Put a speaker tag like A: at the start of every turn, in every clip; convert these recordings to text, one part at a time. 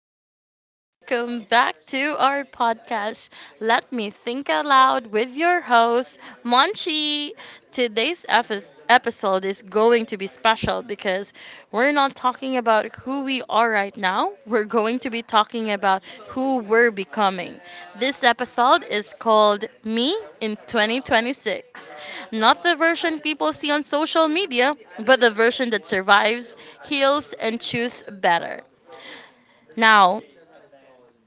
A: morning. Welcome back to our podcast, Let Me Think Aloud, with your host, Monchi. Today's episode is going to be special because we're not talking about who we all right, now we're going to be talking about who we're becoming. This episode is called Me in 2026. Not the version people see on social media, but the version that survives, heals, and chooses better. Now,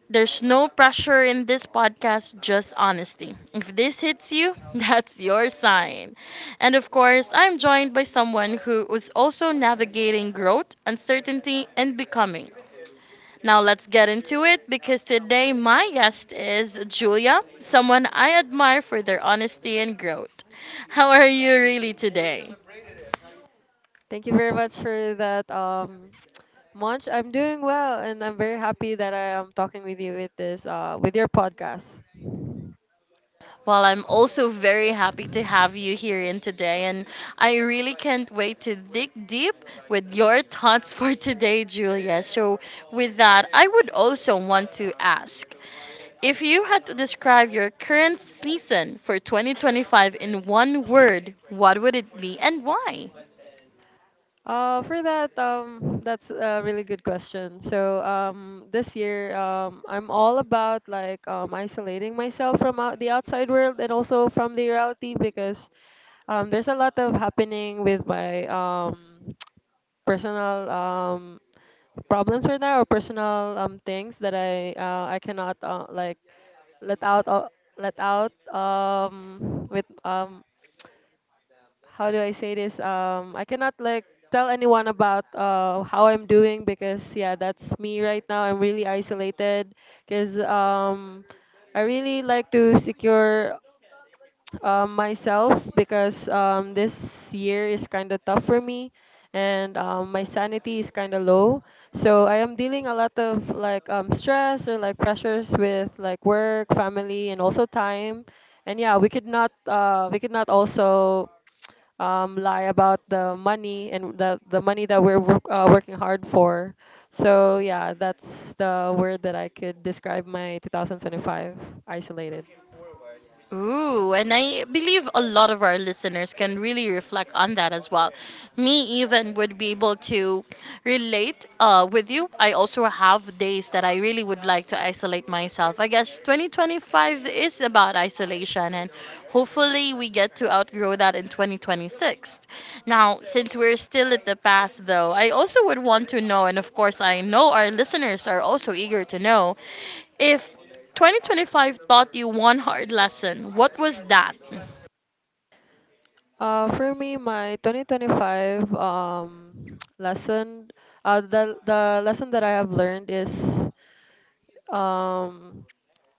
A: there's no pressure in this podcast, just honesty. If this hits you, that's your sign. And of course, I'm joined by someone who is also navigating growth, uncertainty, and becoming. Now let's get into it because today my guest is Julia, someone I admire for their honesty and growth. How are you really today?
B: Thank you very much for that, Munch. I'm doing well, and I'm very happy that I am talking with you with this, with your podcast.
A: Well, I'm also very happy to have you here in today, and I really can't wait to dig deep with your thoughts for today, Julia. So, with that, I would also want to ask if you had to describe your current season for 2025 in one word, what would it be and why?
B: For that, that's a really good question. So, this year, I'm all about like isolating myself from out the outside world and also from the reality because there's a lot of happening with my personal problems right now or personal things that I cannot like let out uh, let out with how do I say this I cannot like tell anyone about how I'm doing because yeah that's me right now. I'm really isolated because I really like to secure myself because this year is kind of tough for me, and my sanity is kind of low, so I am dealing a lot of like stress or like pressures with like work, family, and also time. And yeah, we could not also lie about the money and the money that we're working hard for. So yeah, that's the word that I could describe my 2025: isolated.
A: Ooh, and I believe a lot of our listeners can really reflect on that as well. Me even would be able to relate with you. I also have days that I really would like to isolate myself. I guess 2025 is about isolation, and hopefully we get to outgrow that in 2026. Now, since we're still at the past, though, I also would want to know, and of course, I know our listeners are also eager to know if 2025 taught you one hard lesson, what was that?
B: For me, my 2025 lesson, the lesson that I have learned is um,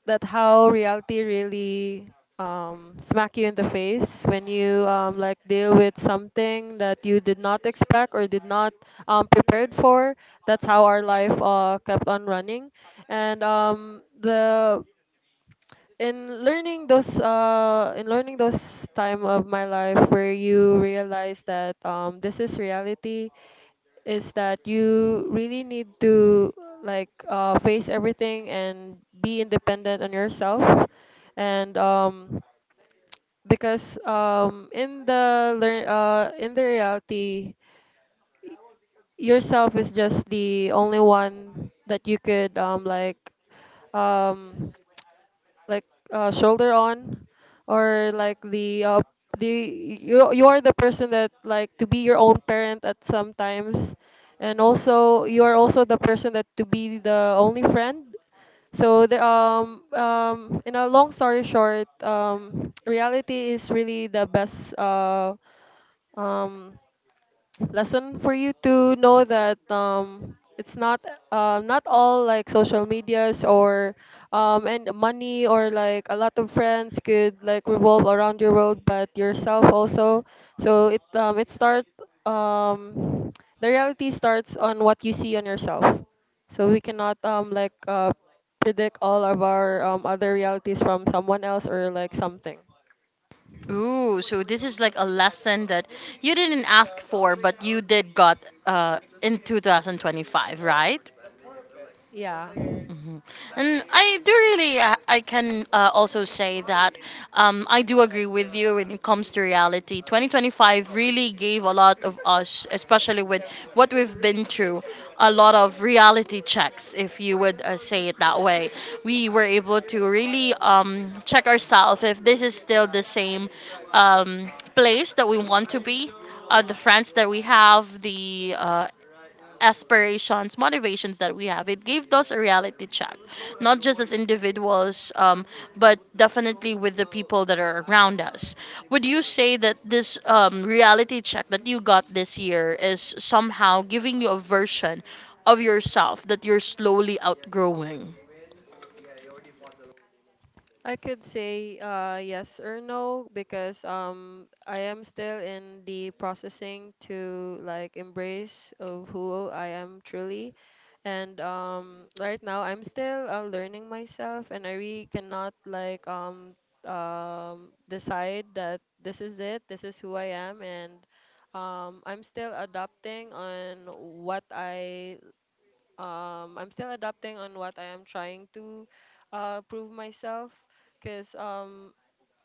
B: that how reality really smack you in the face when you like deal with something that you did not expect or did not prepared for. That's how our life kept on running, and the in learning those time of my life where you realize that this is reality is that you really need to like face everything and be independent on yourself. And because in the learn in the reality, yourself is just the only one that you could um like shoulder on, or like the you are the person that like to be your own parent at some times, and also you are also the person that to be the only friend. So the in a long story short, reality is really the best um lesson for you to know that it's not not all like social medias or and money or like a lot of friends could like revolve around your world, but yourself also. So it start, um the reality starts on what you see on yourself. So we cannot like predict all of our other realities from someone else or like something.
A: Ooh, so this is like a lesson that you didn't ask for, but you did got in 2025, right?
B: Yeah,
A: And I do really, I can also say that I do agree with you when it comes to reality. 2025 really gave a lot of us, especially with what we've been through, a lot of reality checks, if you would say it that way. We were able to really check ourselves if this is still the same place that we want to be. The friends that we have, the aspirations, motivations that we have. It gave us a reality check, not just as individuals, but definitely with the people that are around us. Would you say that this reality check that you got this year is somehow giving you a version of yourself that you're slowly outgrowing?
B: I could say yes or no because I am still in the processing to like embrace of who I am truly, and right now I'm still learning myself, and I really cannot like decide that this is it, this is who I am. And I'm still adapting on what I'm still adapting on what I am trying to prove myself because um,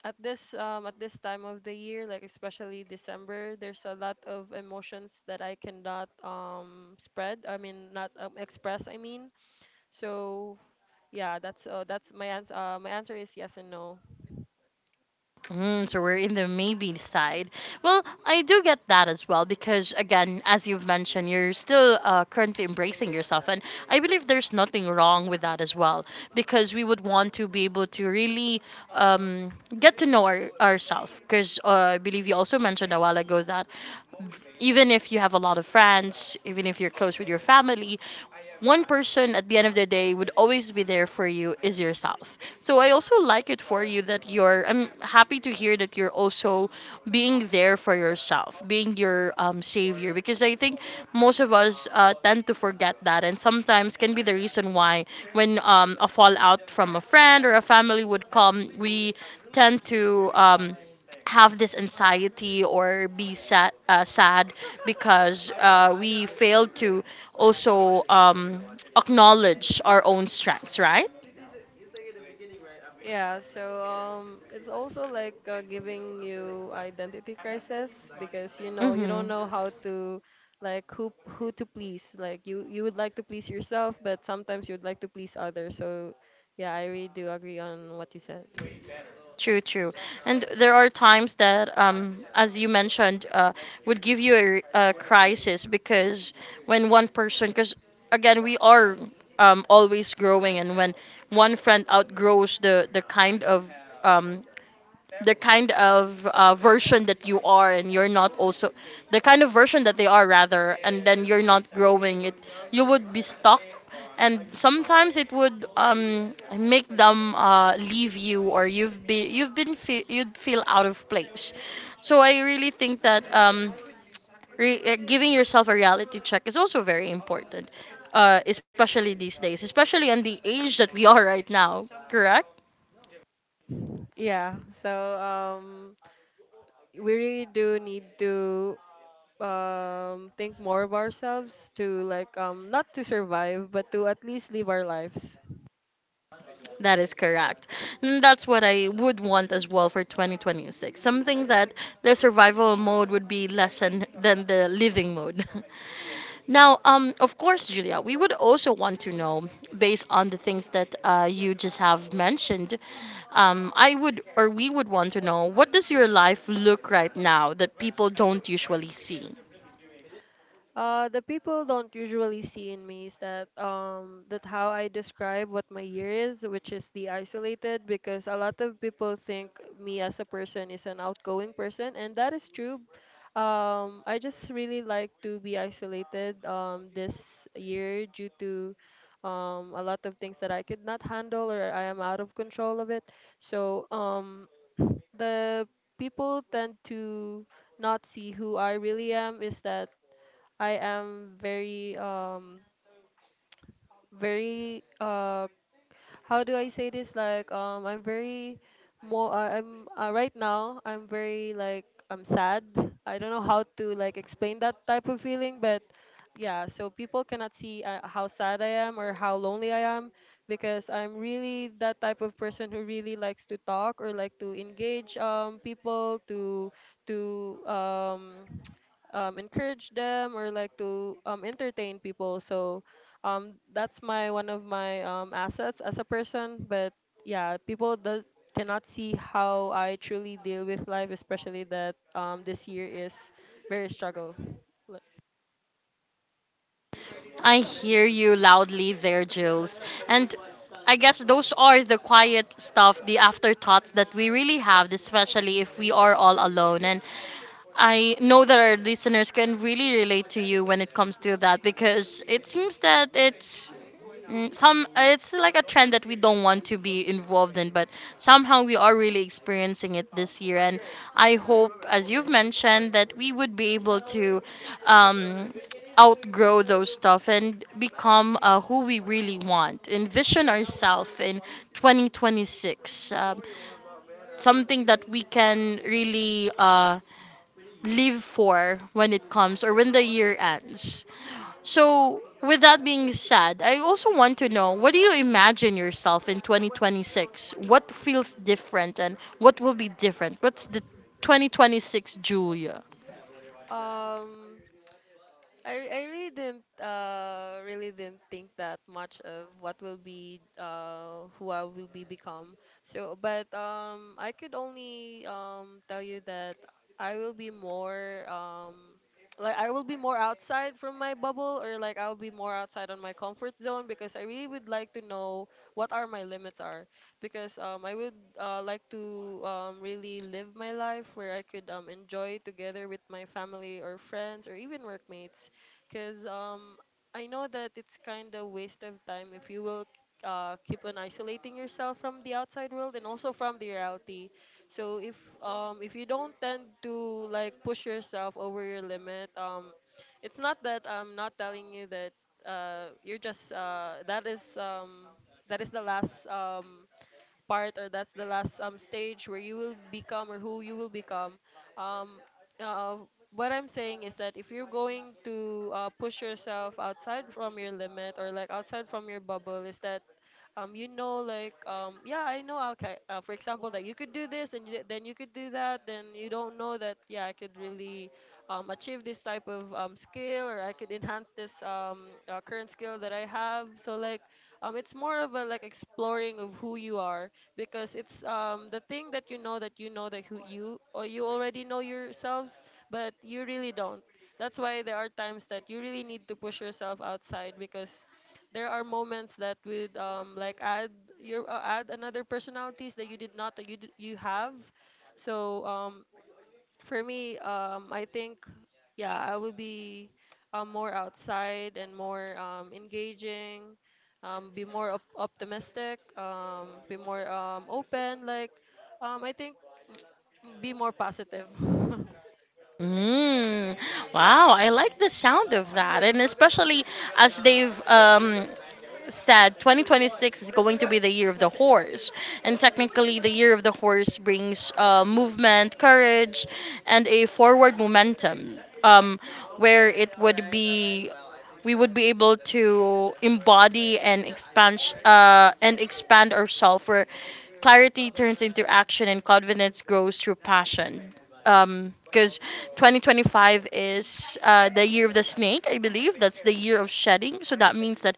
B: at this um, at this time of the year, like especially December, there's a lot of emotions that I cannot spread. I mean, not express. I mean, so yeah, that's my answer. My answer is yes and no.
A: Mm, so we're in the maybe side. Well, I do get that as well because, again, as you've mentioned, you're still currently embracing yourself. And I believe there's nothing wrong with that as well because we would want to be able to really um, get to know ourselves. Because I believe you also mentioned a while ago that even if you have a lot of friends, even if you're close with your family, one person at the end of the day would always be there for you is yourself. So I also like it for you that you're I'm happy to hear that you're also being there for yourself, being your savior, because I think most of us tend to forget that, and sometimes can be the reason why when a fallout from a friend or a family would come, we tend to have this anxiety or be sad because we fail to also acknowledge our own strengths, right?
B: Yeah, so it's also like giving you identity crisis because you know you don't
A: Mm-hmm.
B: know how to, like who to please. Like you would like to please yourself, but sometimes you would like to please others. So yeah, I really do agree on what you said.
A: True, true. And there are times that, as you mentioned, would give you a crisis because when one person, because again, we are always growing, and when one friend outgrows the kind of um, version that you are, and you're not also the kind of version that they are rather, and then you're not growing it, you would be stuck, and sometimes it would make them leave you, or you'd feel out of place. So I really think that giving yourself a reality check is also very important, especially these days, especially in the age that we are right now, correct?
B: Yeah, so um, we really do need to think more of ourselves to like not to survive, but to at least live our lives.
A: That is correct. And that's what I would want as well for 2026. Something that the survival mode would be less than the living mode. Now, of course, Julia, we would also want to know, based on the things that you just have mentioned, I would, or we would want to know, what does your life look right now that people don't usually see?
B: The people don't usually see in me is that that how I describe what my year is, which is the isolated, because a lot of people think me as a person is an outgoing person, and that is true. I just really like to be isolated this year due to a lot of things that I could not handle or I am out of control of it. So the people tend to not see who I really am is that I am very very uh how do I say this, like I'm very more I'm right now I'm very like I'm sad. I don't know how to like explain that type of feeling, but yeah, so people cannot see how sad I am or how lonely I am because I'm really that type of person who really likes to talk or like to engage people to to um encourage them or like to entertain people. So that's my one of my assets as a person. But yeah, people do, cannot see how I truly deal with life, especially that this year is very struggle. Like,
A: I hear you loudly there, Jules. And I guess those are the quiet stuff, the afterthoughts that we really have, especially if we are all alone. And I know that our listeners can really relate to you when it comes to that because it seems that it's Mm, some it's like a trend that we don't want to be involved in, but somehow we are really experiencing it this year, and I hope, as you've mentioned, that we would be able to um, outgrow those stuff and become who we really want envision ourselves in 2026, something that we can really live for when it comes, or when the year ends. So, with that being said, I also want to know, what do you
B: mhm.
A: imagine yourself in 2026? What feels different and what will be different? What's the 2026 Julia?
B: Um, I really didn't think that much of what will be who I will be become. So but I could only tell you that I will be more I will be more outside from my bubble, or like I'll be more outside on my comfort zone because I really would like to know what are my limits are, because I would like to really live my life where I could enjoy together with my family or friends or even workmates because I know that it's kind of waste of time if you will keep on isolating yourself from the outside world and also from the reality. So if you don't tend to like push yourself over your limit, it's not that I'm not telling you that you're just that is the last part, or that's the last stage where you will become or who you will become. um uh, what I'm saying is that if you're going to push yourself outside from your limit or like outside from your bubble is that you know like yeah I know, okay, for example that you could do this and you, then you could do that, then you don't know that yeah I could really achieve this type of skill, or I could enhance this current skill that I have. So like it's more of a like exploring of who you are, because it's the thing that you know that you know that who you or you already know yourselves, but you really don't. That's why there are times that you really need to push yourself outside, because there are moments that would like add your add another personalities that you did not that you have. So for me, I think, yeah, I would be more outside and more engaging, be more optimistic, be more open. Like, I think be more positive.
A: Mm, wow, I like the sound of that, and especially as they've said, 2026 is going to be the year of the horse, and technically the year of the horse brings movement, courage, and a forward momentum, um, where it would be we would be able to embody and expand and expand ourselves where clarity turns into action, and confidence grows through passion. Because 2025 is the year of the snake, I believe. That's the year of shedding. So that means that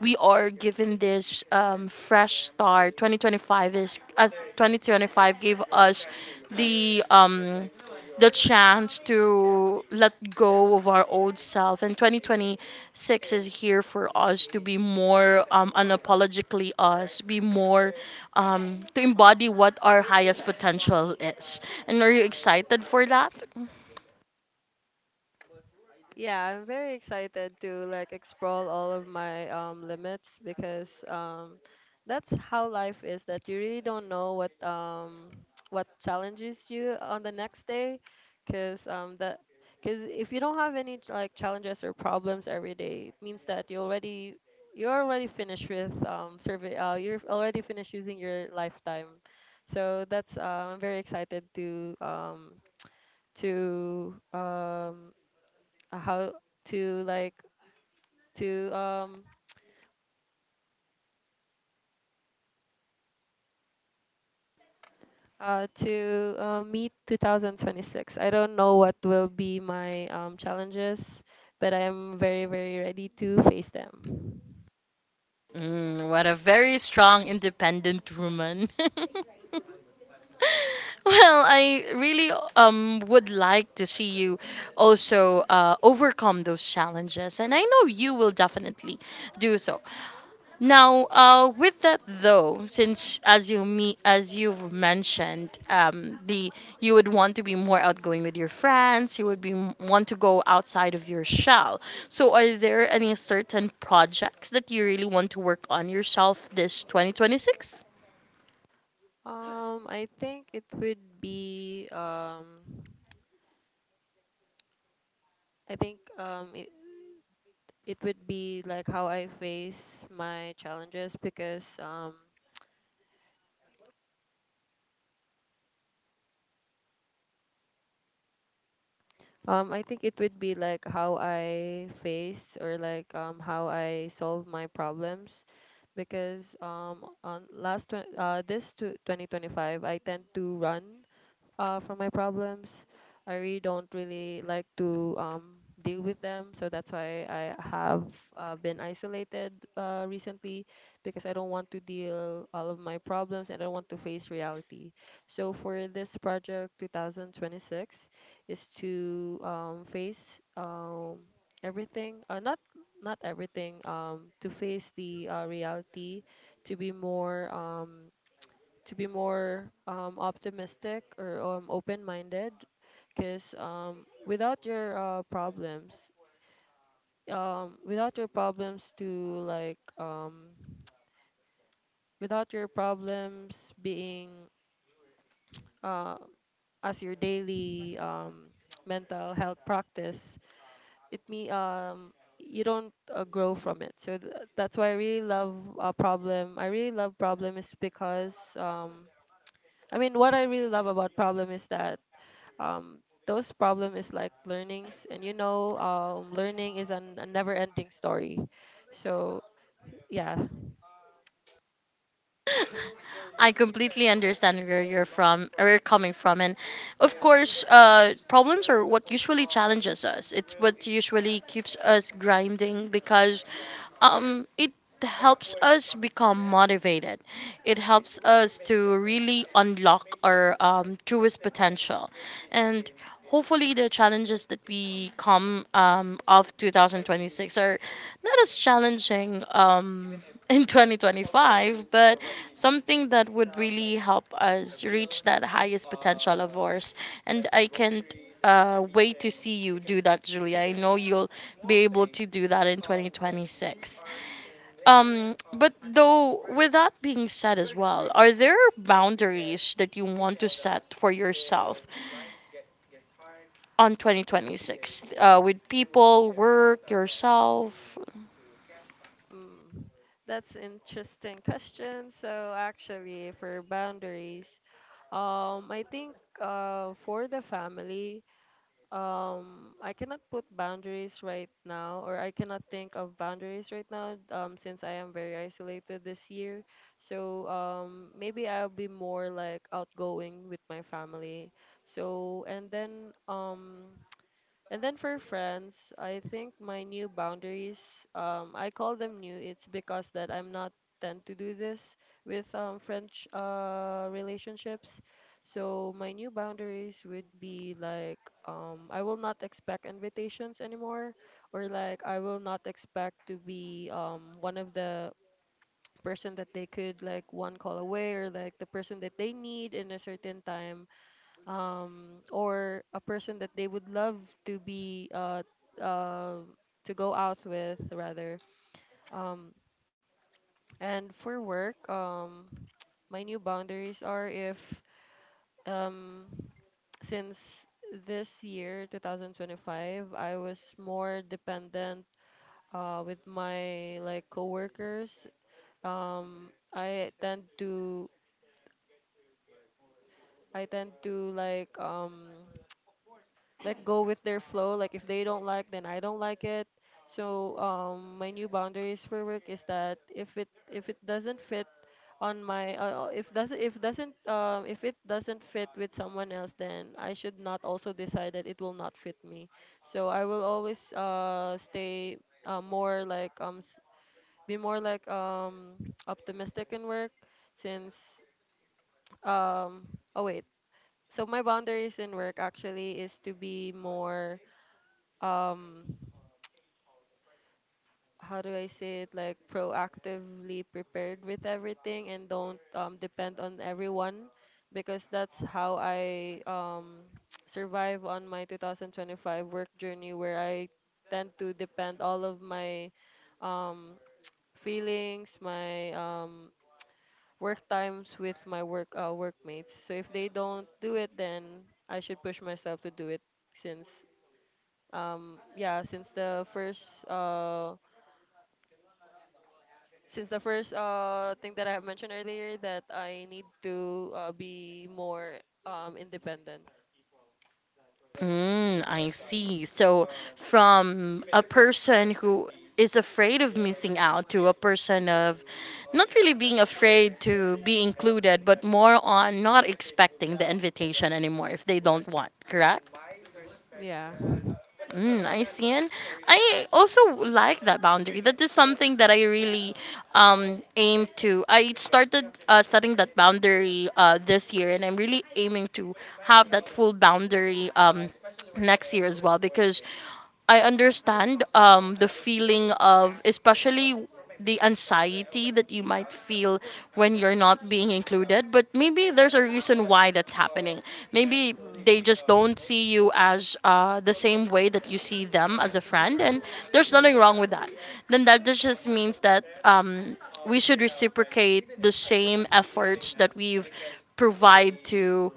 A: we are given this fresh start. 2025 gave us the um, the chance to let go of our old self. And 2026 is here for us to be more unapologetically us, be more, to embody what our highest potential is. And are you excited for that?
B: Yeah, I'm very excited to like explore all of my limits because that's how life is, that you really don't know what what challenges you on the next day, because that because if you don't have any like challenges or problems every day, it means that you already, you're already finished with survey you're already finished using your lifetime. So that's I'm very excited to to um how to like to um to meet 2026. I don't know what will be my challenges, but I am very very ready to face them.
A: Mm, what a very strong, independent woman. Well, I really would like to see you also overcome those challenges, and I know you will definitely do so. Now, with that though, since as you've mentioned, the you would want to be more outgoing with your friends. You would be want to go outside of your shell. So, are there any certain projects that you really want to work on yourself this 2026?
B: Um i think it would be um i think it would be like how I face my challenges because I think it would be like how I face or like how I solve my problems because on this to 2025 I tend to run from my problems. I really don't really like to deal with them, so that's why I have been isolated recently because I don't want to deal all of my problems, and I want to face reality. So for this project 2026 is to face everything, not not everything, to face the reality, to be more. To be more optimistic or open-minded because without your problems without your problems to like without your problems being uh, as your daily mental health practice it me you don't grow from it. So that's why I really love problem I really love problem is because I mean, what I really love about Problem is that um those problem is like learnings, and you know learning is a never ending story, so yeah.
A: I completely understand where you're from, where you're coming from, and of course, problems are what usually challenges us. It's what usually keeps us grinding because it helps us become motivated. It helps us to really unlock our truest potential, and hopefully the challenges that we come of 2026 are not as challenging in 2025, but something that would really help us reach that highest potential of ours, and I can't wait to see you do that, Julia. I know you'll be able to do that in 2026, but though, with that being said as well, are there boundaries that you want to set for yourself on 2026, with people, work, yourself?
B: Mm, that's interesting question. So actually for boundaries, I think for the family, I cannot put boundaries right now, or I cannot think of boundaries right now, since I am very isolated this year. So, maybe I'll be more like outgoing with my family. So, and then, for friends, I think my new boundaries, I call them new. It's because that I'm not tend to do this with French relationships. So my new boundaries would be like I will not expect invitations anymore, or like I will not expect to be one of the person that they could like one call away, or like the person that they need in a certain time, or a person that they would love to be uh, to go out with rather. um, and for work, my new boundaries are if um, since this year 2025 I was more dependent with my like coworkers, um, i tend to I tend to like go with their flow, like if they don't like, then I don't like it. So my new boundaries for work is that if it doesn't fit on my if it doesn't fit with someone else, then I should not also decide that it will not fit me. So I will always stay uh, more like um s- be more like optimistic in work since um oh wait. So my boundaries in work actually is to be more um how do I say it, like proactively prepared with everything and don't depend on everyone, because that's how I survive on my 2025 work journey, where I tend to depend all of my um feelings, my work times with my work workmates. So if they don't do it, then I should push myself to do it, since yeah, since the first thing that I have mentioned earlier, that I need to be more independent.
A: Mm, I see. So, from a person who is afraid of missing out to a person of not really being afraid to be included, but more on not expecting the invitation anymore if they don't want, correct?
B: Yeah.
A: Mm, I see. And I also like that boundary. That is something that I really aim to. I started setting that boundary this year, and I'm really aiming to have that full boundary next year as well, because I understand the feeling of, especially the anxiety that you might feel when you're not being included, but maybe there's a reason why that's happening. Maybe they
B: Mm-hmm.
A: just don't see you as the same way that you see them as a friend, and there's nothing wrong with that. Then that just means that we should reciprocate the same efforts that provide to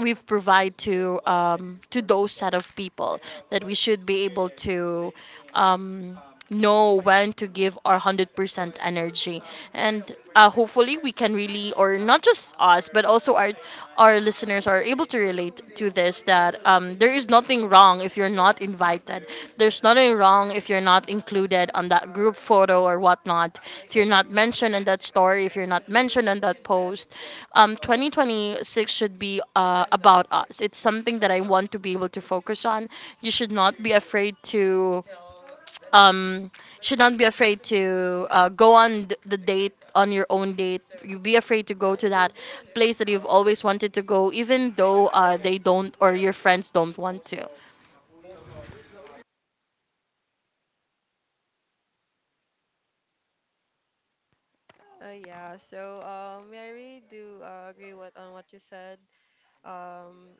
A: we provide to those set of people, that we should be able to um, know when to give our 100% energy, and hopefully we can really, or not just us, but also our listeners are able to relate to this, that there is not nothing wrong if you're not invited. There's nothing wrong if you're not included on that group photo or whatnot. If you're not mentioned in that story, if you're not mentioned in that post, 2026 should be about us. It's something that I want to be able to focus on. You should not be afraid to um, should not be afraid to go on the date on your own date. You be afraid to go to that place that you've always wanted to go, even though they don't or your friends don't want to.
B: I really do agree what on what you said. Um,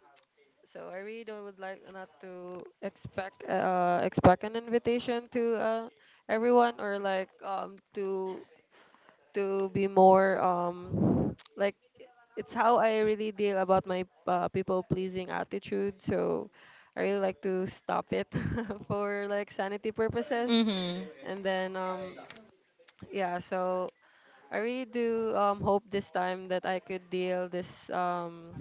B: so I really don't would like not to expect expect an invitation to everyone, or like to be more like, it's how I really deal about my people pleasing attitude. So I really like to stop it for like sanity purposes.
A: Mm-hmm.
B: And then yeah, so I really do hope this time that I could deal this um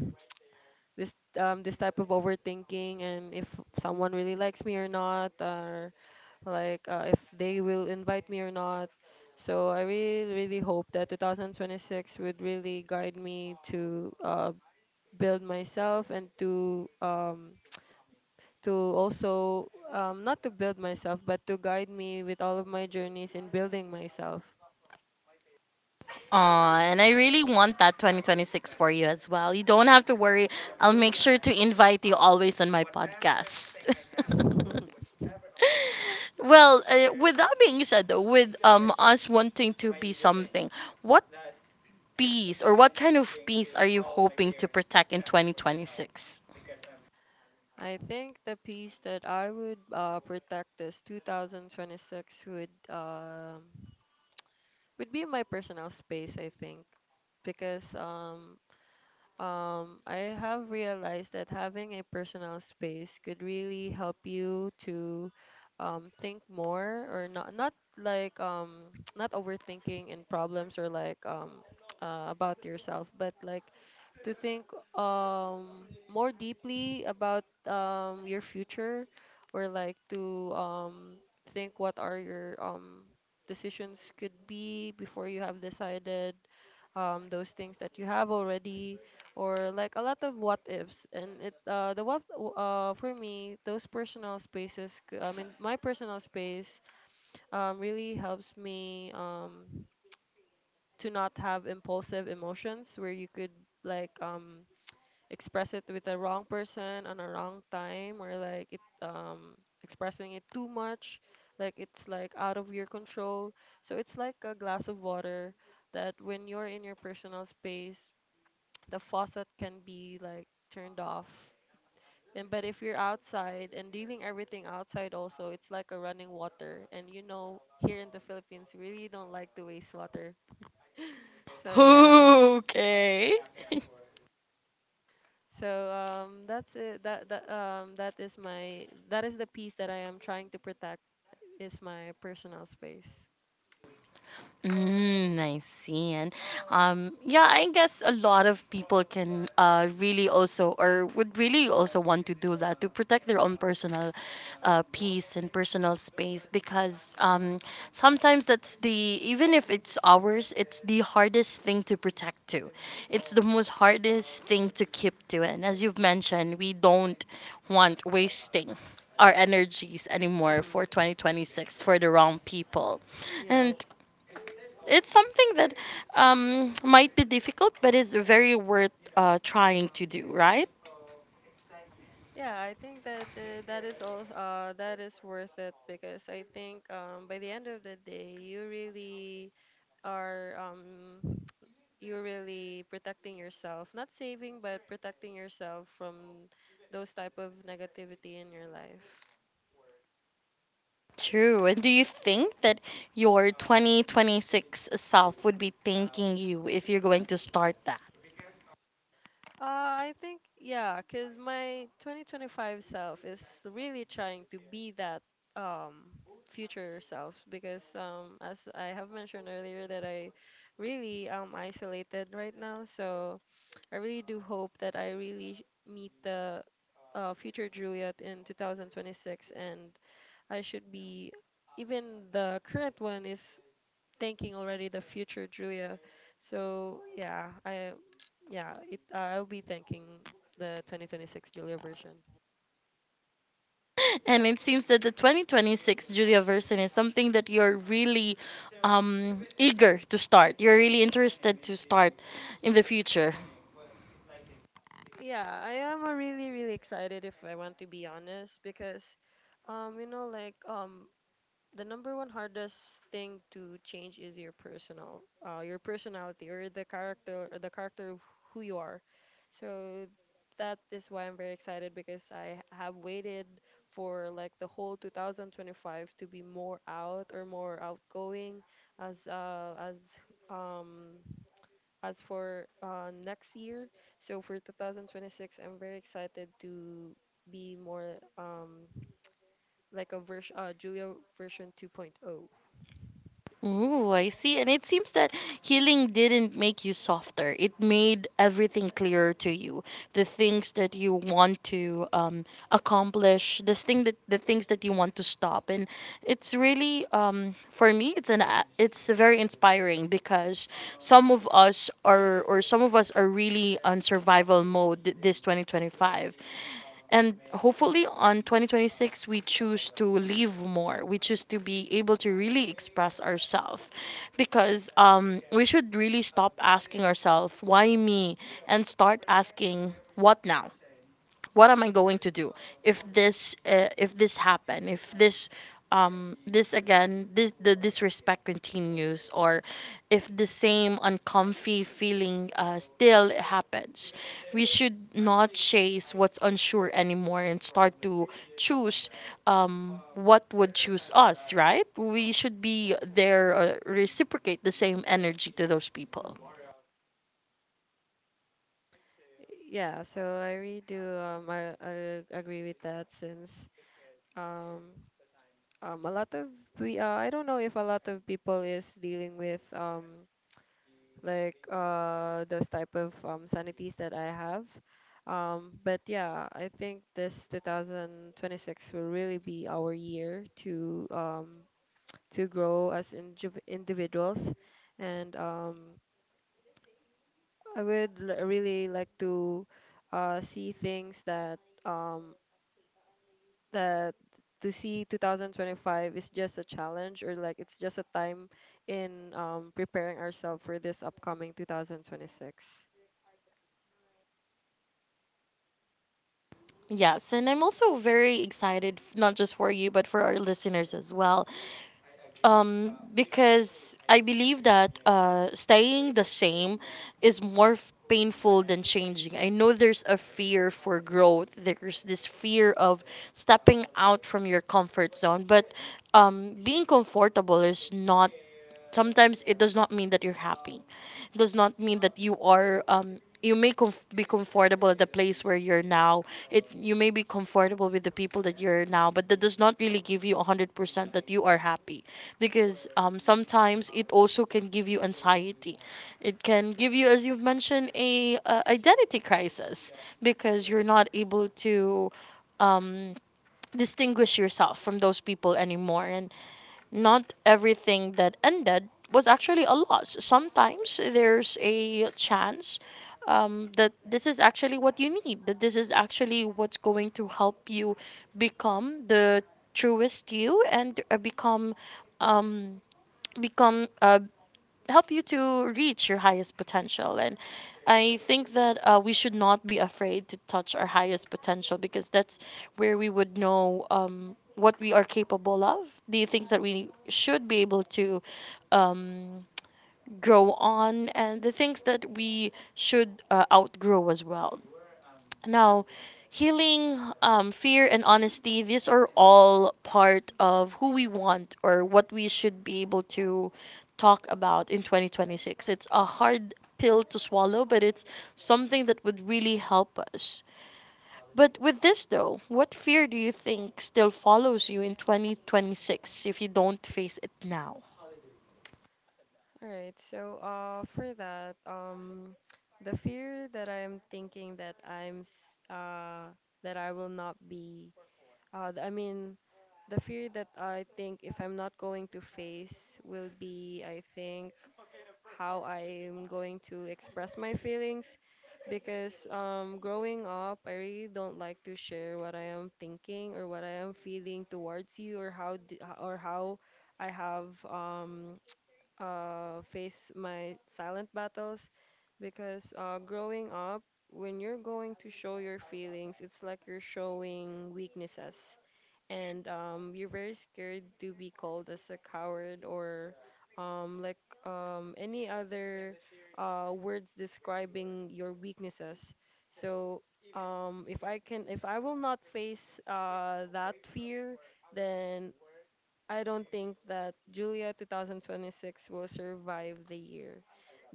B: this um this type of overthinking, and if someone really likes me or not, or like if they will invite me or not. So I really, really hope that 2026 would really guide me to build myself and to also not to build myself, but to guide me with all of my journeys in building myself.
A: Aw, and I really want that 2026 for you as well. You don't have to worry. I'll make sure to invite you always on my podcast. Well, with that being said, though, with us wanting to be something, what peace or what kind of peace are you hoping to protect in 2026?
B: I think the piece that I would protect this 2026 would be my personal space. I think because I have realized that having a personal space could really help you to think more, or not like not overthinking in problems, or like about yourself, but like to think more deeply about your future, or like to think what are your decisions could be before you have decided those things that you have already, or like a lot of what ifs. And it the what w- for me those personal spaces I mean my personal space really helps me to not have impulsive emotions where you could like express it with the wrong person on a wrong time, or like it expressing it too much, like it's like out of your control. So it's like a glass of water, that when you're in your personal space, the faucet can be like turned off. And but if you're outside and dealing everything outside also, it's like a running water, and you know, here in the Philippines we really don't like to waste water. So yeah.
A: Okay.
B: So that's it. That that is my, that is the piece that I am trying to protect, is my personal space.
A: Mm, I see. And yeah, I guess a lot of people can really also or would really also want to do that to protect their own personal peace and personal space because sometimes that's the even if it's ours, it's the hardest thing to protect to. It's the most hardest thing to keep to. And as you've mentioned, we don't want wasting our energies anymore for
B: Hmm.
A: 2026 for the wrong people.
B: Yes.
A: And it's something that might be difficult, but it's very worth trying to do, right?
B: Yeah, I think that that is also that is worth it, because I think by the end of the day, you really are you're really protecting yourself, not saving, but protecting yourself from those type of negativity in your life.
A: True. And do you think that your 2026 self would be thanking you if you're going to start that?
B: I think, yeah, because my 2025 self is really trying to be that um, future self, because as I have mentioned earlier, that I really am isolated right now. So I really do hope that meet the future Juliet in 2026, and I should be, even the current one is thinking already the future, Julia. So yeah, I'll be thanking the 2026 Julia version.
A: And it seems that the 2026 Julia version is something that you're really eager to start. You're really interested to start in the future.
B: Yeah, I am really really excited if I want to be honest, because you know like the number one hardest thing to change is your personal your personality, or the character, or the character of who you are. So that is why I'm very excited, because I have waited for like the whole 2025 to be more out, or more outgoing as um as for next year. So for 2026 I'm very excited to be more like a version, Julia version 2.0.
A: Ooh, I see. And it seems that healing didn't make you softer. It made everything clearer to you. The things that you want to accomplish, this thing that the things that you want to stop. And it's really for me, it's very inspiring because some of us are or some of us are really on survival mode this 2025, and hopefully on 2026, we choose to live more. We choose to be able to really express ourselves, because we should really stop asking ourselves, why me? And start asking, what now? What am I going to do if this happen, if this this again, this the disrespect continues, or if the same uncomfy feeling still happens. We should not chase what's unsure anymore, and start to choose what would choose us, right? We should be there, reciprocate the same energy to those people.
B: Mhm. Yeah, so I really do I agree with that, since um a lot of we I don't know if a lot of people is dealing with those type of sanities that I have. But yeah, I think this 2026 will really be our year to grow as individuals, and I would really like to see things that that to see 2025 is just a challenge, or like it's just a time in preparing ourselves for this upcoming 2026.
A: Yes, and I'm also very excited, not just for you, but for our listeners as well, because I believe that staying the same is more painful than changing. I know there's a fear for growth, there's this fear of stepping out from your comfort zone, but being comfortable is not, sometimes it does not mean that you're happy. It does not mean that you are you may be comfortable at the place where you're now. It, you may be comfortable with the people that you're now, but that does not really give you 100% that you are happy, because sometimes it also can give you anxiety. It can give you, as you've mentioned, a identity crisis, because you're not able to um distinguish yourself from those people anymore. And not everything that ended was actually a loss. Sometimes there's a chance that this is actually what you need, that this is actually what's going to help you become the truest you, and become um, become uh, help you to reach your highest potential. And I think that we should not be afraid to touch our highest potential, because that's where we would know what we are capable of, the things that we should be able to um, grow on, and the things that we should outgrow as well. Now, healing, fear, and honesty, these are all part of who we want or what we should be able to talk about in 2026. It's a hard pill to swallow, but it's something that would really help us. But with this, though, what fear do you think still follows you in 2026 if you don't face it now?
B: All right, so for that the fear that I'm thinking that I'm s- that I will not be th- I mean the fear that I think if I'm not going to face will be, I think, how I am going to express my feelings. Because growing up, I really don't like to share what I am thinking or what I am feeling towards you, or or how I have faced my silent battles. Because growing up, when you're going to show your feelings, it's like you're showing weaknesses, and you're very scared to be called as a coward, or um, like any other words describing your weaknesses. So if I can, if I will not face that fear, then I don't think that Julia 2026 will survive the year.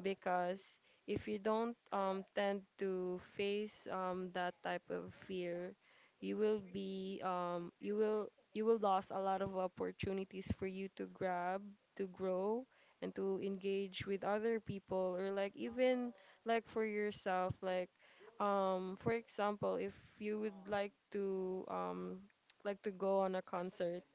B: Because if you don't tend to face that type of fear, you will be you will lose a lot of opportunities for you to grab, to grow, and to engage with other people, or like even like for yourself. Like for example, if you would like to go on a concert,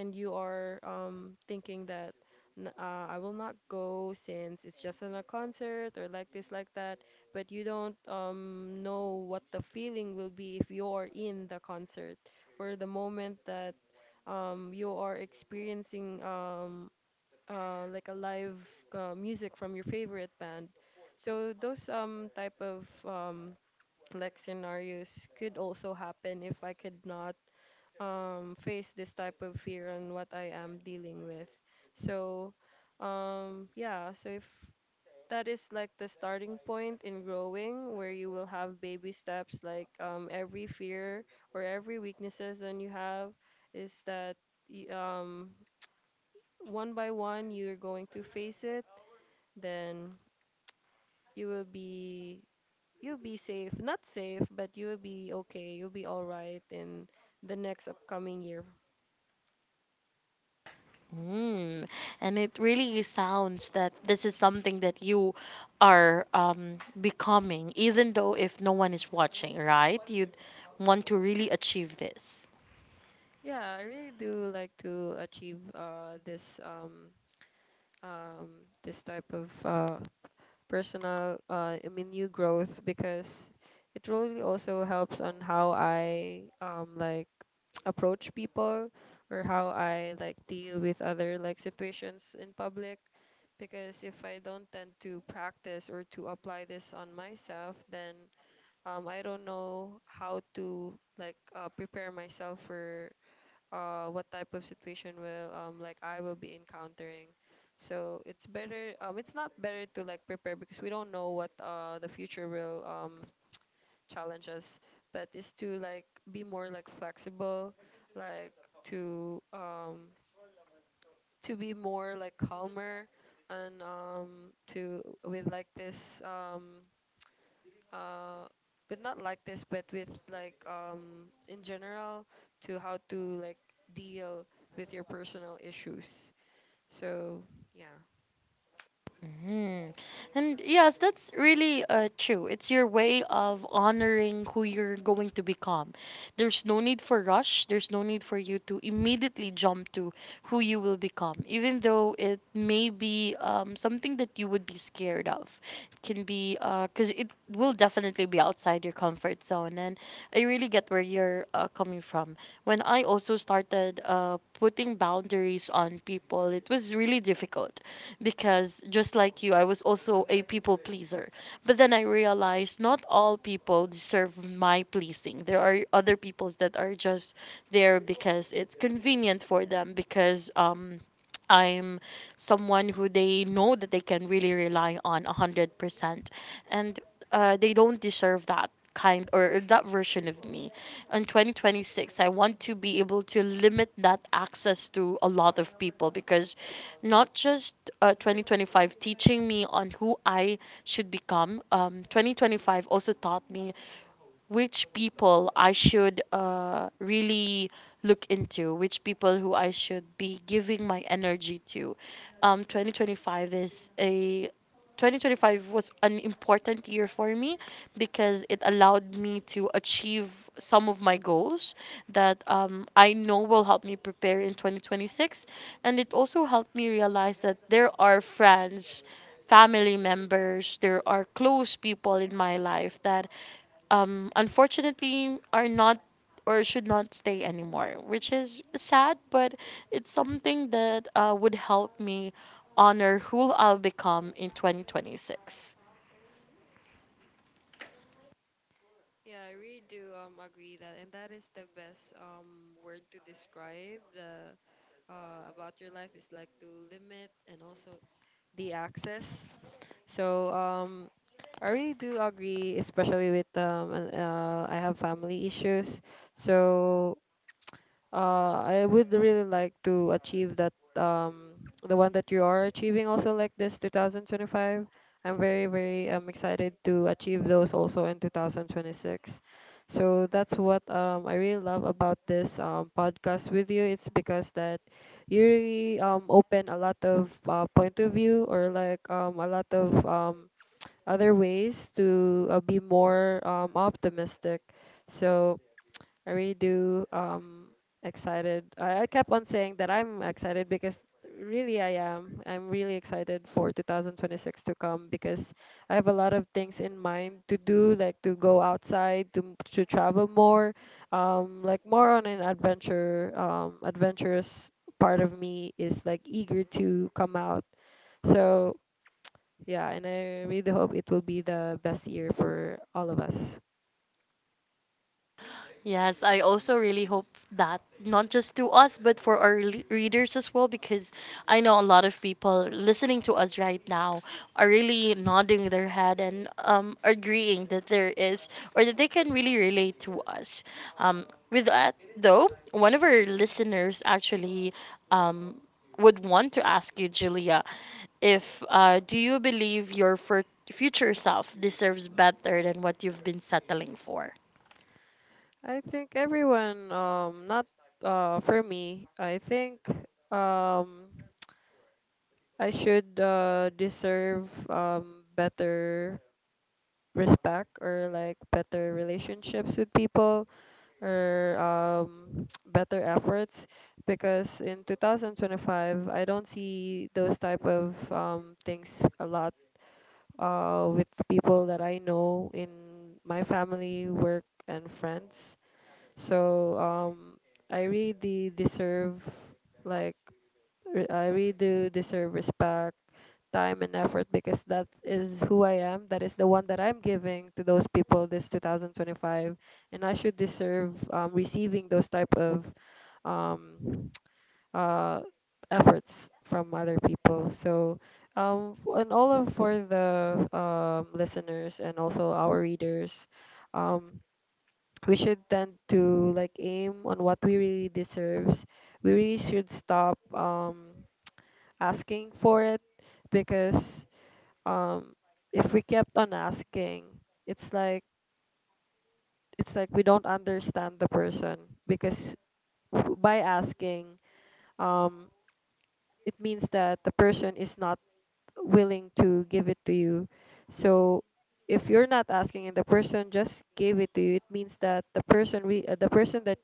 B: and you are thinking that I will not go since it's just on a concert, or like this, like that," but you don't know what the feeling will be if you're in the concert, or the moment that you are experiencing like a live music from your favorite band. So those type of like scenarios could also happen if I could not face this type of fear and what I am dealing with. So, if that is like the starting point in growing, where you will have baby steps, like every fear or every weaknesses that you have, is that y- um, one by one you're going to face it, then you will be, you'll be safe. Not safe, but you'll be okay. You'll be all right in the next upcoming year.
A: Mm. And it really sounds that this is something that you are becoming, even though if no one is watching, right? You'd want to really achieve this.
B: Yeah, I really do like to achieve this type of personal, I mean, new growth, because it really also helps on how I like approach people, or how I like deal with other like situations in public. Because if I don't tend to practice or to apply this on myself, then I don't know how to like prepare myself for what type of situation will like I will be encountering. So it's better. It's not better to like prepare because we don't know what the future will challenge us. But it's to like be more like flexible, like to um, to be more like calmer and to with like this uh with not like this but with like in general to how to like deal with your personal issues so yeah
A: Mhm. And yes, that's really true. It's your way of honoring who you're going to become. There's no need for rush. There's no need for you to immediately jump to who you will become, even though it may be something that you would be scared of. It can be, because it will definitely be outside your comfort zone. And I really get where you're coming from. When I also started putting boundaries on people, it was really difficult, because just like you, I was also a people pleaser. But then I realized not all people deserve my pleasing. There are other peoples that are just there because it's convenient for them, because I'm someone who they know that they can really rely on 100%. And they don't deserve that kind or that version of me. In 2026, I want to be able to limit that access to a lot of people, because not just 2025 teaching me on who I should become. 2025 also taught me which people I should really look into, which people who I should be giving my energy to. Um, 2025 is a 2025 was an important year for me, because it allowed me to achieve some of my goals that I know will help me prepare in 2026. And it also helped me realize that there are friends, family members, there are close people in my life that unfortunately are not or should not stay anymore, which is sad, but it's something that would help me honor who I'll become in 2026.
B: yeah, I really do agree that, and that is the best word to describe the about your life is like to limit and also the access. So I really do agree, especially with I have family issues. So I would really like to achieve that the one that you are achieving also like this 2025. I'm very, very excited to achieve those also in 2026. So that's what I really love about this podcast with you. It's because that you really open a lot of point of view, or like a lot of other ways to be more optimistic. So I really do excited. I kept on saying that I'm excited because really I am. I'm really excited for 2026 to come because I have a lot of things in mind to do, like to go outside, to to travel more, like more on an adventure, adventurous part of me is like eager to come out. So yeah, and I really hope it will be the best year for all of us.
A: Yes, I also really hope that not just to us but for our readers as well, because I know a lot of people listening to us right now are really nodding their head and agreeing that there is or that they can really relate to us. Um, with that though, one of our listeners actually um would want to ask you, Julia, if do you believe your fur future self deserves better than what you've been settling for?
B: I think everyone, not for me, I think um, I should deserve better respect, or like better relationships with people, or better efforts, because in 2025 I don't see those type of things a lot with people that I know in my family, work, and friends. So I really deserve, like, I really do deserve respect, time, and effort, because that is who I am. That is the one that I'm giving to those people this 2025, and I should deserve receiving those type of um, uh, efforts from other people. So, and all of for the listeners and also our readers, um, we should tend to like aim on what we really deserves. We really should stop asking for it, because um, if we kept on asking, it's like it's like we don't understand the person, because by asking um it means that the person is not willing to give it to you. So if you're not asking and the person just gave it to you, it means that the person that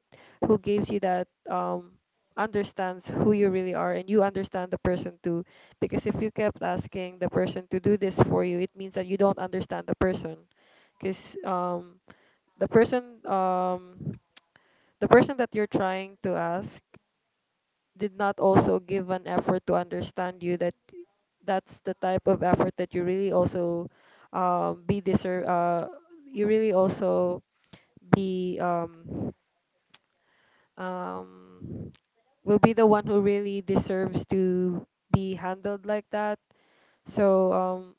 B: who gives you that understands who you really are, and you understand the person too. Because if you kept asking the person to do this for you, it means that you don't understand the person. Because the person um the person that you're trying to ask did not also give an effort to understand you, that that's the type of effort that you really also be deserve you really also be um, will be the one who really deserves to be handled like that. So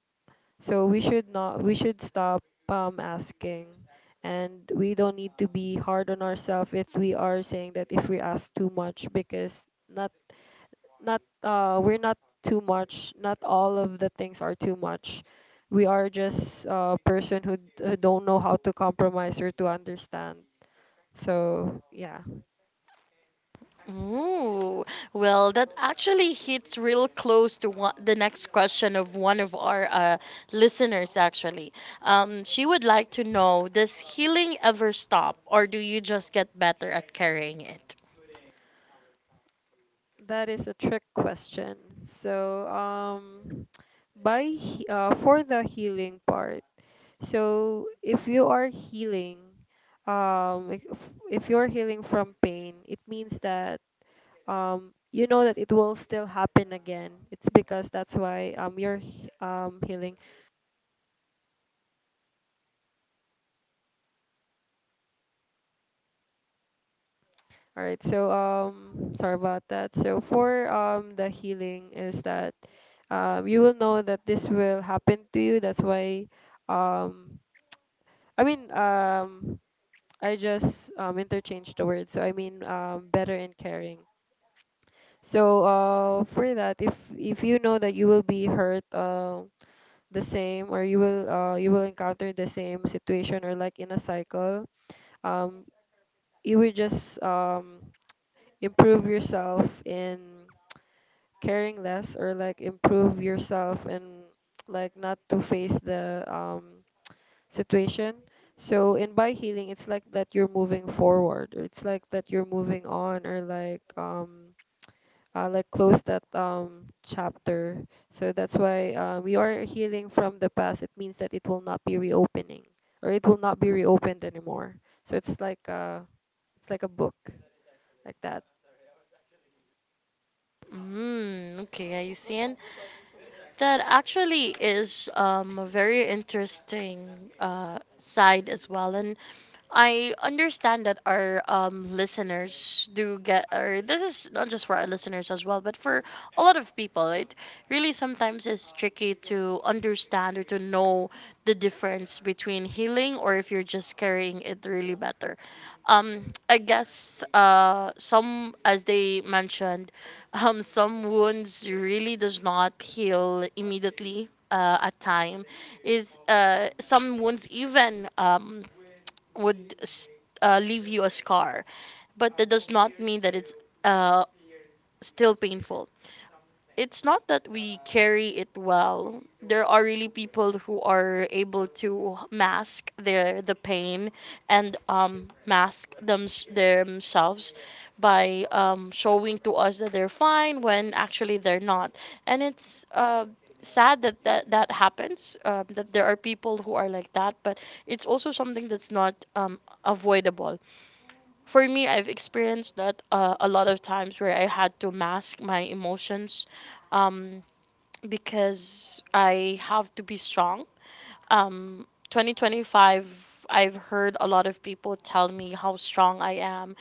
B: we should not, we should stop asking. And we don't need to be hard on ourselves if we are saying that if we ask too much, because not not we're not too much, not all of the things are too much. We are just a person who don't know how to compromise or to understand, so yeah.
A: Ooh, well, that actually hits real close to one, the next question of one of our listeners, actually. She would like to know, does healing ever stop, or do you just get better at carrying it?
B: That is a trick question. So, for the healing part. So if you are healing, um, if, if you're healing from pain, it means that you know that it will still happen again. It's because that's why healing. All right. So sorry about that. So for the healing is that you will know that this will happen to you. That's why um I mean I just interchanged the words. So I mean better and caring. So for that, if you know that you will be hurt the same, or you will encounter the same situation, or like in a cycle, um, you will just improve yourself in caring less, or like improve yourself and like not to face the situation. So in by healing, it's like that you're moving forward, or it's like that you're moving on, or like close that chapter. So that's why we are healing from the past. It means that it will not be reopening, or it will not be reopened anymore. So it's like a book like that.
A: Mm, okay, I see. And that actually is a very interesting side as well. And I understand that our listeners do get, or this is not just for our listeners as well, but for a lot of people, it really sometimes is tricky to understand or to know the difference between healing or if you're just carrying it really better. I guess some, as they mentioned, some wounds really does not heal immediately. At time is some wounds even would leave you a scar, but that does not mean that it's uh, still painful. It's not that we carry it well. There are really people who are able to mask the pain, and mask themselves by showing to us that they're fine when actually they're not. And it's sad that that happens, that there are people who are like that, but it's also something that's not avoidable. For me, I've experienced that a lot of times where I had to mask my emotions, um, because I have to be strong. 2025, I've heard a lot of people tell me how strong I am,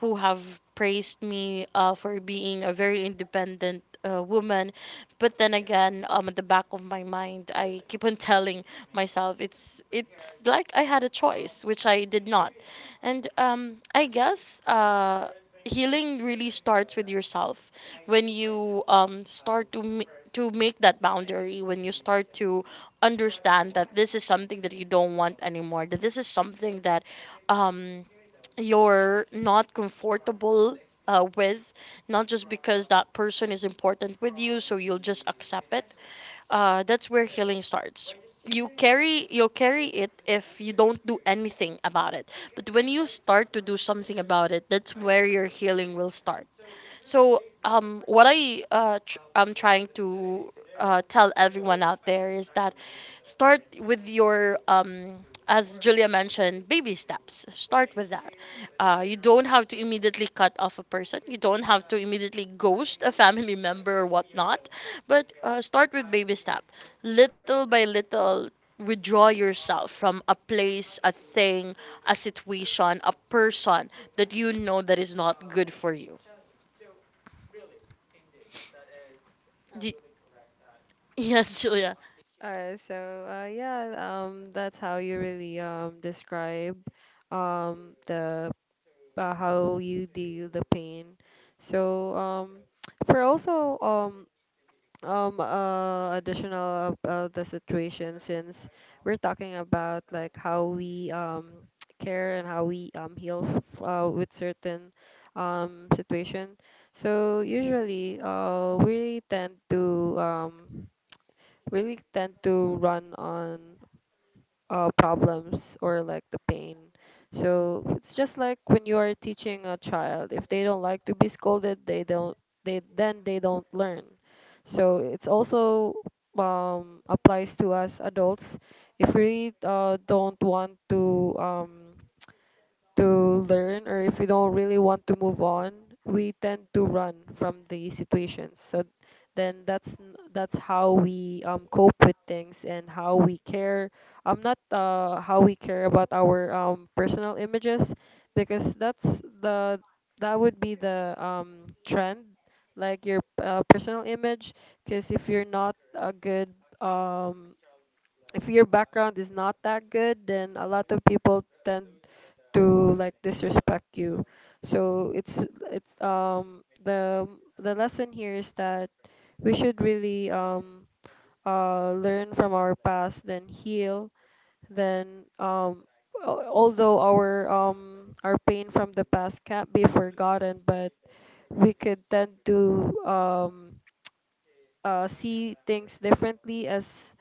A: who have praised me for being a very independent woman. But then again, at the back of my mind, I keep on telling myself it's like I had a choice, which I did not. And I guess healing really starts with yourself when you start to make that boundary, when you start to understand that this is something that you don't want anymore, that this is something that um, you're not comfortable with, not just because that person is important with you, so you'll just accept it. That's where healing starts. You'll carry it if you don't do anything about it. But when you start to do something about it, that's where your healing will start. So, what I I'm trying to tell everyone out there is that start with your as Julia mentioned, baby steps. Start with that. You don't have to immediately cut off a person. You don't have to immediately ghost a family member or whatnot. But start with baby step. Little by little, withdraw yourself from a place, a thing, a situation, a person that you know that is not good for you. Do, yes, Julia.
B: Alright, so yeah, that's how you really describe the how you deal the pain. So for also additional about the situation. Since we're talking about like how we care and how we heal with certain situation, so usually we tend to really tend to run on problems or like the pain. So it's just like when you are teaching a child, if they don't like to be scolded, they don't they then they don't learn. So it's also applies to us adults. If we don't want to learn, or if we don't really want to move on, we tend to run from the situations. So that's how we cope with things and how we care. I'm not how we care about our personal images, because that's the that would be the trend, like your personal image, because if you're not a good um if your background is not that good, then a lot of people tend to like disrespect you. So it's the lesson here is that we should really learn from our past, then heal, then although our pain from the past can't be forgotten, but we could tend to see things differently, as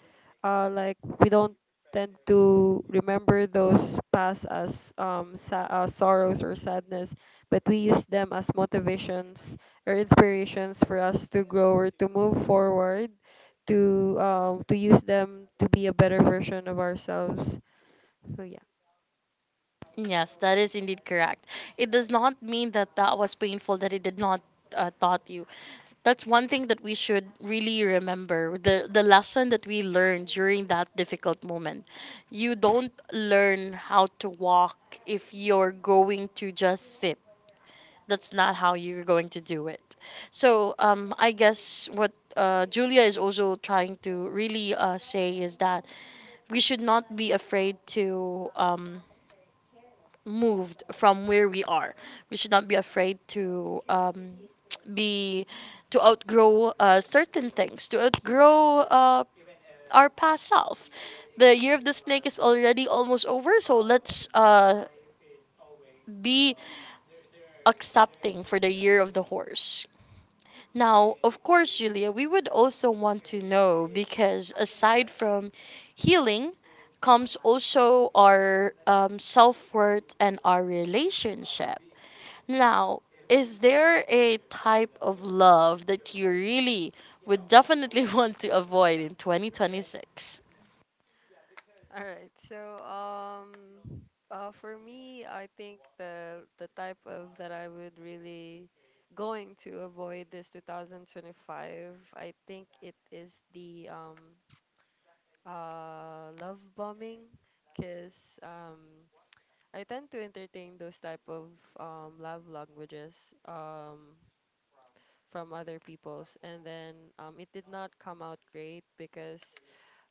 B: like we don't tend to remember those past as sorrows or sadness, but we use them as motivations or inspirations for us to grow or to move forward, to use them to be a better version of ourselves. So yeah.
A: Yes, that is indeed correct. It does not mean that that was painful, that it did not taught you. That's one thing that we should really remember, the lesson that we learned during that difficult moment. You don't learn how to walk if you're going to just sit. That's not how you're going to do it. I guess what Julia is also trying to really say is that we should not be afraid to. Moved from where we are. We should not be afraid to be to outgrow certain things, to outgrow our past self. The year of the snake is already almost over, so let's be accepting for the year of the horse. Now, of course, Julia, we would also want to know because aside from healing, comes also our self worth and our relationship. Now, is there a type of love that you really would definitely want to avoid in 2026?
B: All right. So for me, I think the type of that I would really going to avoid this 2025, I think it is the love bombing. Because um I tend to entertain those type of love languages um from other people's, and then it did not come out great because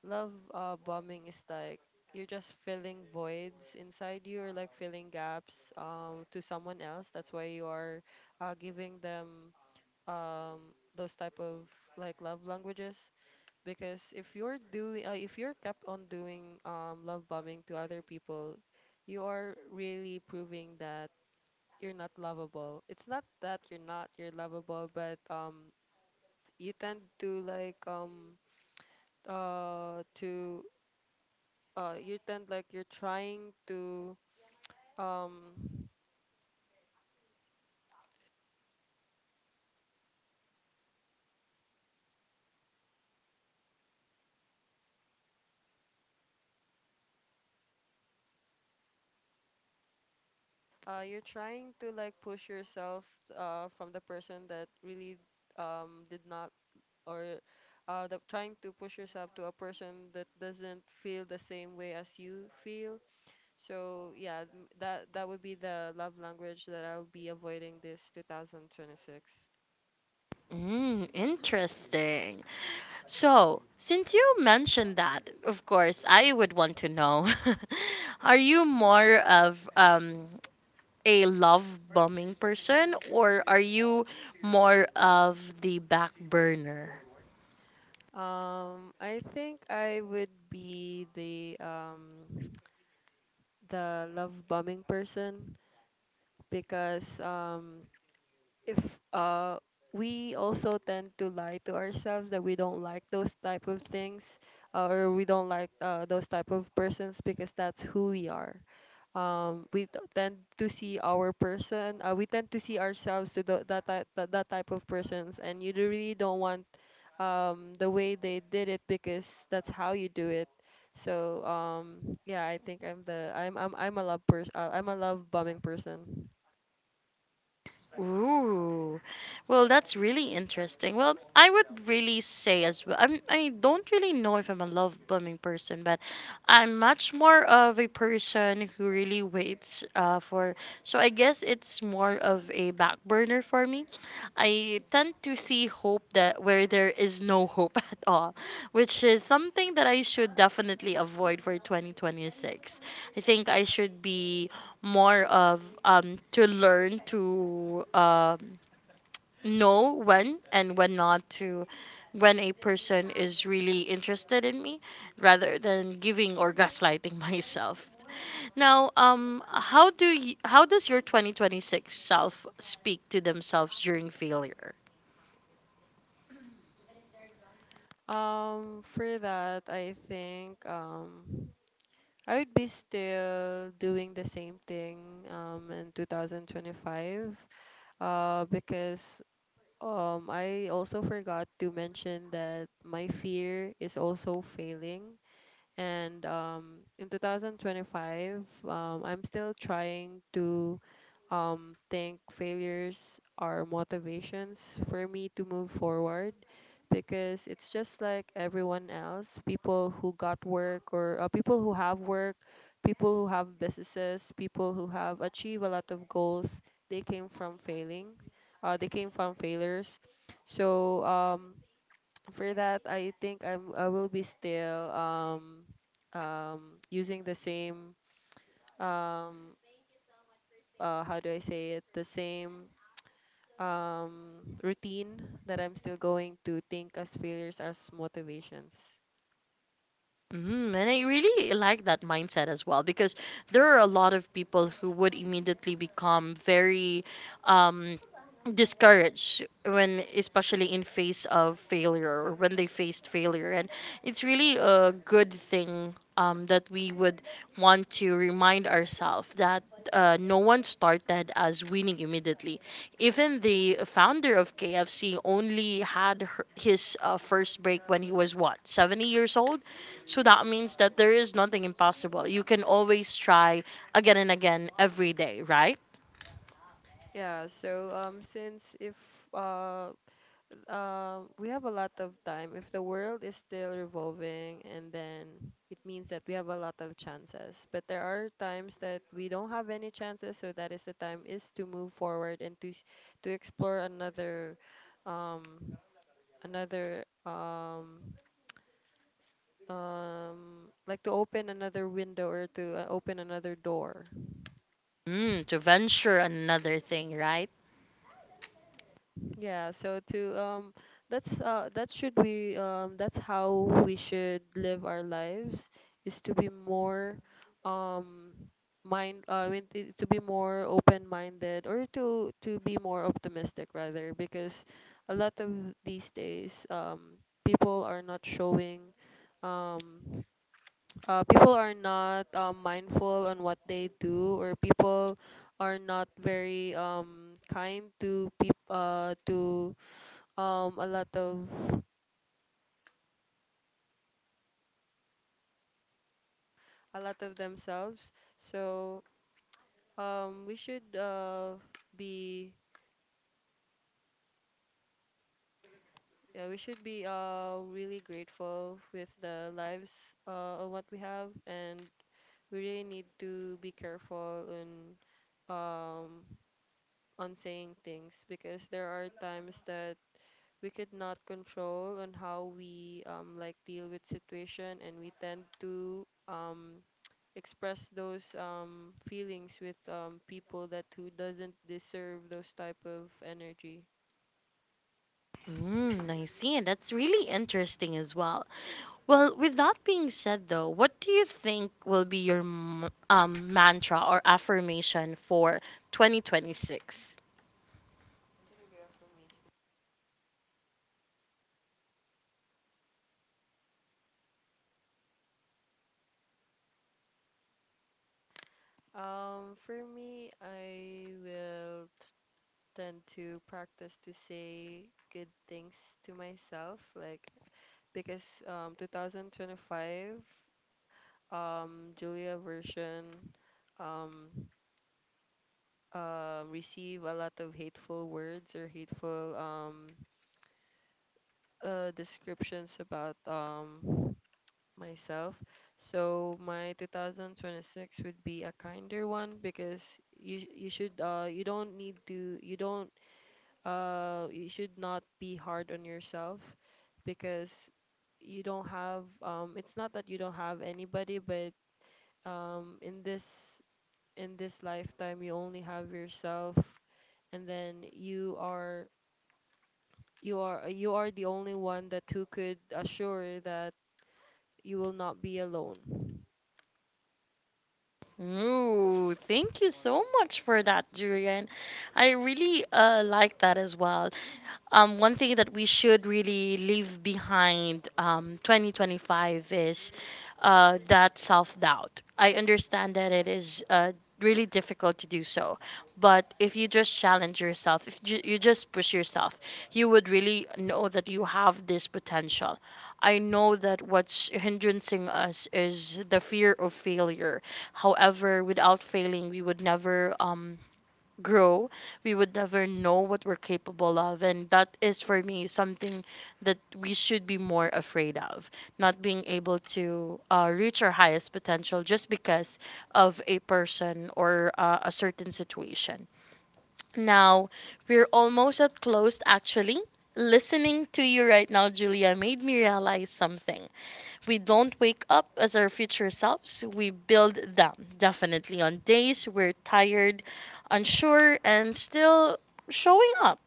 B: love bombing is like you're just filling voids inside you, or like filling gaps to someone else. That's why you are giving them those type of like love languages, because if you're doing if you're kept on doing love bombing to other people, you are really proving that you're not lovable. It's not that you're not, you're lovable, but you tend to like to you tend like um you're trying to like push yourself from the person that really did not or the, trying to push yourself to a person that doesn't feel the same way as you feel. So yeah, that that would be the love language that I'll be avoiding this 2026.
A: Mm, interesting. So, since you mentioned that, of course, I would want to know, are you more of a love bombing person or are you more of the back burner?
B: I think I would be the love bombing person, because if uh, we also tend to lie to ourselves that we don't like those type of things, or we don't like those type of persons because that's who we are, we tend to see our person, we tend to see ourselves to the, that, type, that, that type of persons, and you really don't want the way they did it because that's how you do it. So yeah, I think I'm a love person, I'm a love bombing person.
A: Ooh, well, that's really interesting. Well, I would really say as well. I don't really know if I'm a love bombing person, but I'm much more of a person who really waits for. So I guess it's more of a back burner for me. I tend to see hope that where there is no hope at all, which is something that I should definitely avoid for 2026. I think I should be more of to learn to know when and when not to, when a person is really interested in me rather than giving or gaslighting myself. Now, how do you, how does your 2026 self speak to themselves during failure?
B: For that, I think I would be still doing the same thing in 2025, because I also forgot to mention that my fear is also failing. And in 2025 I'm still trying to think failures are motivations for me to move forward, because it's just like everyone else. People who got work, or people who have work, people who have businesses, people who have achieved a lot of goals, they came from failing, they came from failures. So for that, I think I will be still using the same um how do I say it, the same routine, that I'm still going to think as failures as motivations.
A: Mm, and I really like that mindset as well because there are a lot of people who would immediately become very um, discouraged when, especially in face of failure or when they faced failure. And it's really a good thing that we would want to remind ourselves that no one started as winning immediately. Even the founder of KFC only had his first break when he was what, 70 years old? So that means that there is nothing impossible. You can always try again and again every day, right?
B: Yeah, so since if uh we have a lot of time. If the world is still revolving, and then it means that we have a lot of chances. But there are times that we don't have any chances, so that is the time is to move forward and to to explore another, um, another like to open another window, or to open another door.
A: Mm, to venture another thing, right?
B: Yeah, so to that's that should be that's how we should live our lives, is to be more um mind I mean to be more open-minded, or to be more optimistic rather, because a lot of these days people are not showing um people are not mindful on what they do, or people are not very kind to peop to um a lot of a lot of themselves. So we should be yeah, we should be really grateful with the lives of what we have. And we really need to be careful in um on saying things, because there are times that we could not control on how we like deal with situation, and we tend to express those feelings with people that who doesn't deserve those type of energy.
A: Mm, I see. And that's really interesting as well. Well, with that being said, though, what do you think will be your mantra or affirmation for 2026?
B: For me, I will tend to practice to say good things to myself, like, because 2025 Julia version um receive a lot of hateful words, or hateful descriptions about myself. So my 2026 would be a kinder one. Because you don't need to, you should not be hard on yourself, because you don't have it's not that you don't have anybody, but um in this in this lifetime you only have yourself, and then you are the only one that who could assure that you will not be alone.
A: Ooh, thank you so much for that, Julian. I really like that as well. One thing that we should really leave behind 2025 is that self doubt. I understand that it is really difficult to do so, but if you just challenge yourself, if you just push yourself, you would really know that you have this potential. I know that what's hindering us is the fear of failure. However, without failing, we would never. Grow, we would never know what we're capable of. And that is for me something that we should be more afraid of, not being able to reach our highest potential just because of a person or a certain situation. Now, we're almost at closed actually. Listening to you right now, Julia, made me realize something. We don't wake up as our future selves, we build them, definitely on days we're tired, unsure, and still showing up.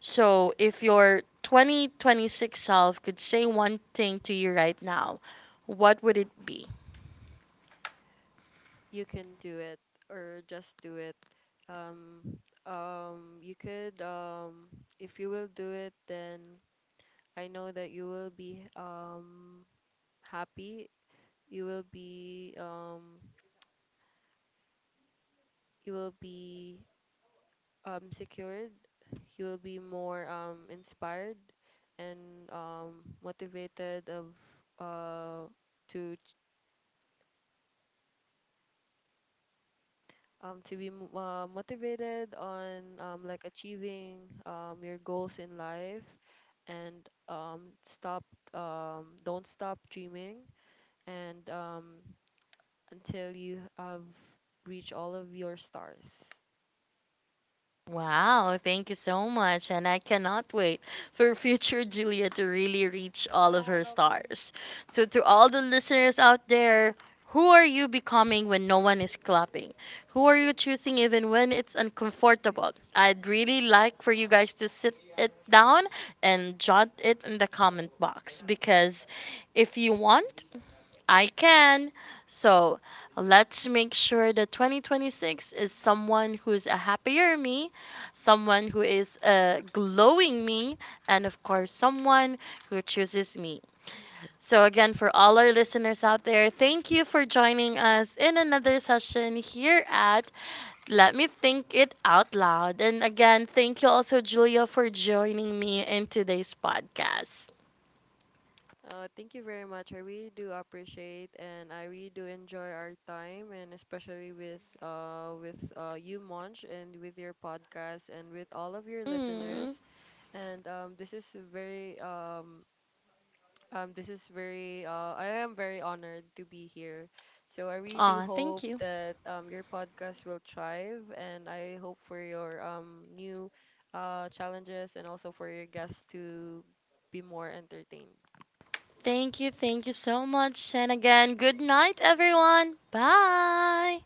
A: So, if your 2026 self could say one thing to you right now, what would it be?
B: You can do it, or just do it. um you could if you will do it, then I know that you will be happy, you will be um you will be secured, you will be more inspired and motivated of uh to to be mo- motivated on like achieving your goals in life, and stop don't stop dreaming, and until you have reached all of your stars.
A: Wow, thank you so much. And I cannot wait for future Julia to really reach all of her stars. So, to all the listeners out there, who are you becoming when no one is clapping? Who are you choosing even when it's uncomfortable? I'd really like for you guys to sit it down and jot it in the comment box because if you want, I can. So let's make sure that 2026 is someone who's a happier me, someone who is a glowing me, and of course, someone who chooses me. So, again, for all our listeners out there, thank you for joining us in another session here at Let Me Think It Out Loud. And again, thank you also, Julia, for joining me in today's podcast.
B: Thank you very much. I really do appreciate, and I really do enjoy our time, and especially with you Monch, and with your podcast, and with all of your listeners.
A: Mm.
B: And very um, this is very, I am very honored to be here. So I really do
A: Aw,
B: hope
A: thank you.
B: that your podcast will thrive, and I hope for your new challenges, and also for your guests to be more entertained.
A: Thank you. Thank you so much. And again, good night, everyone. Bye.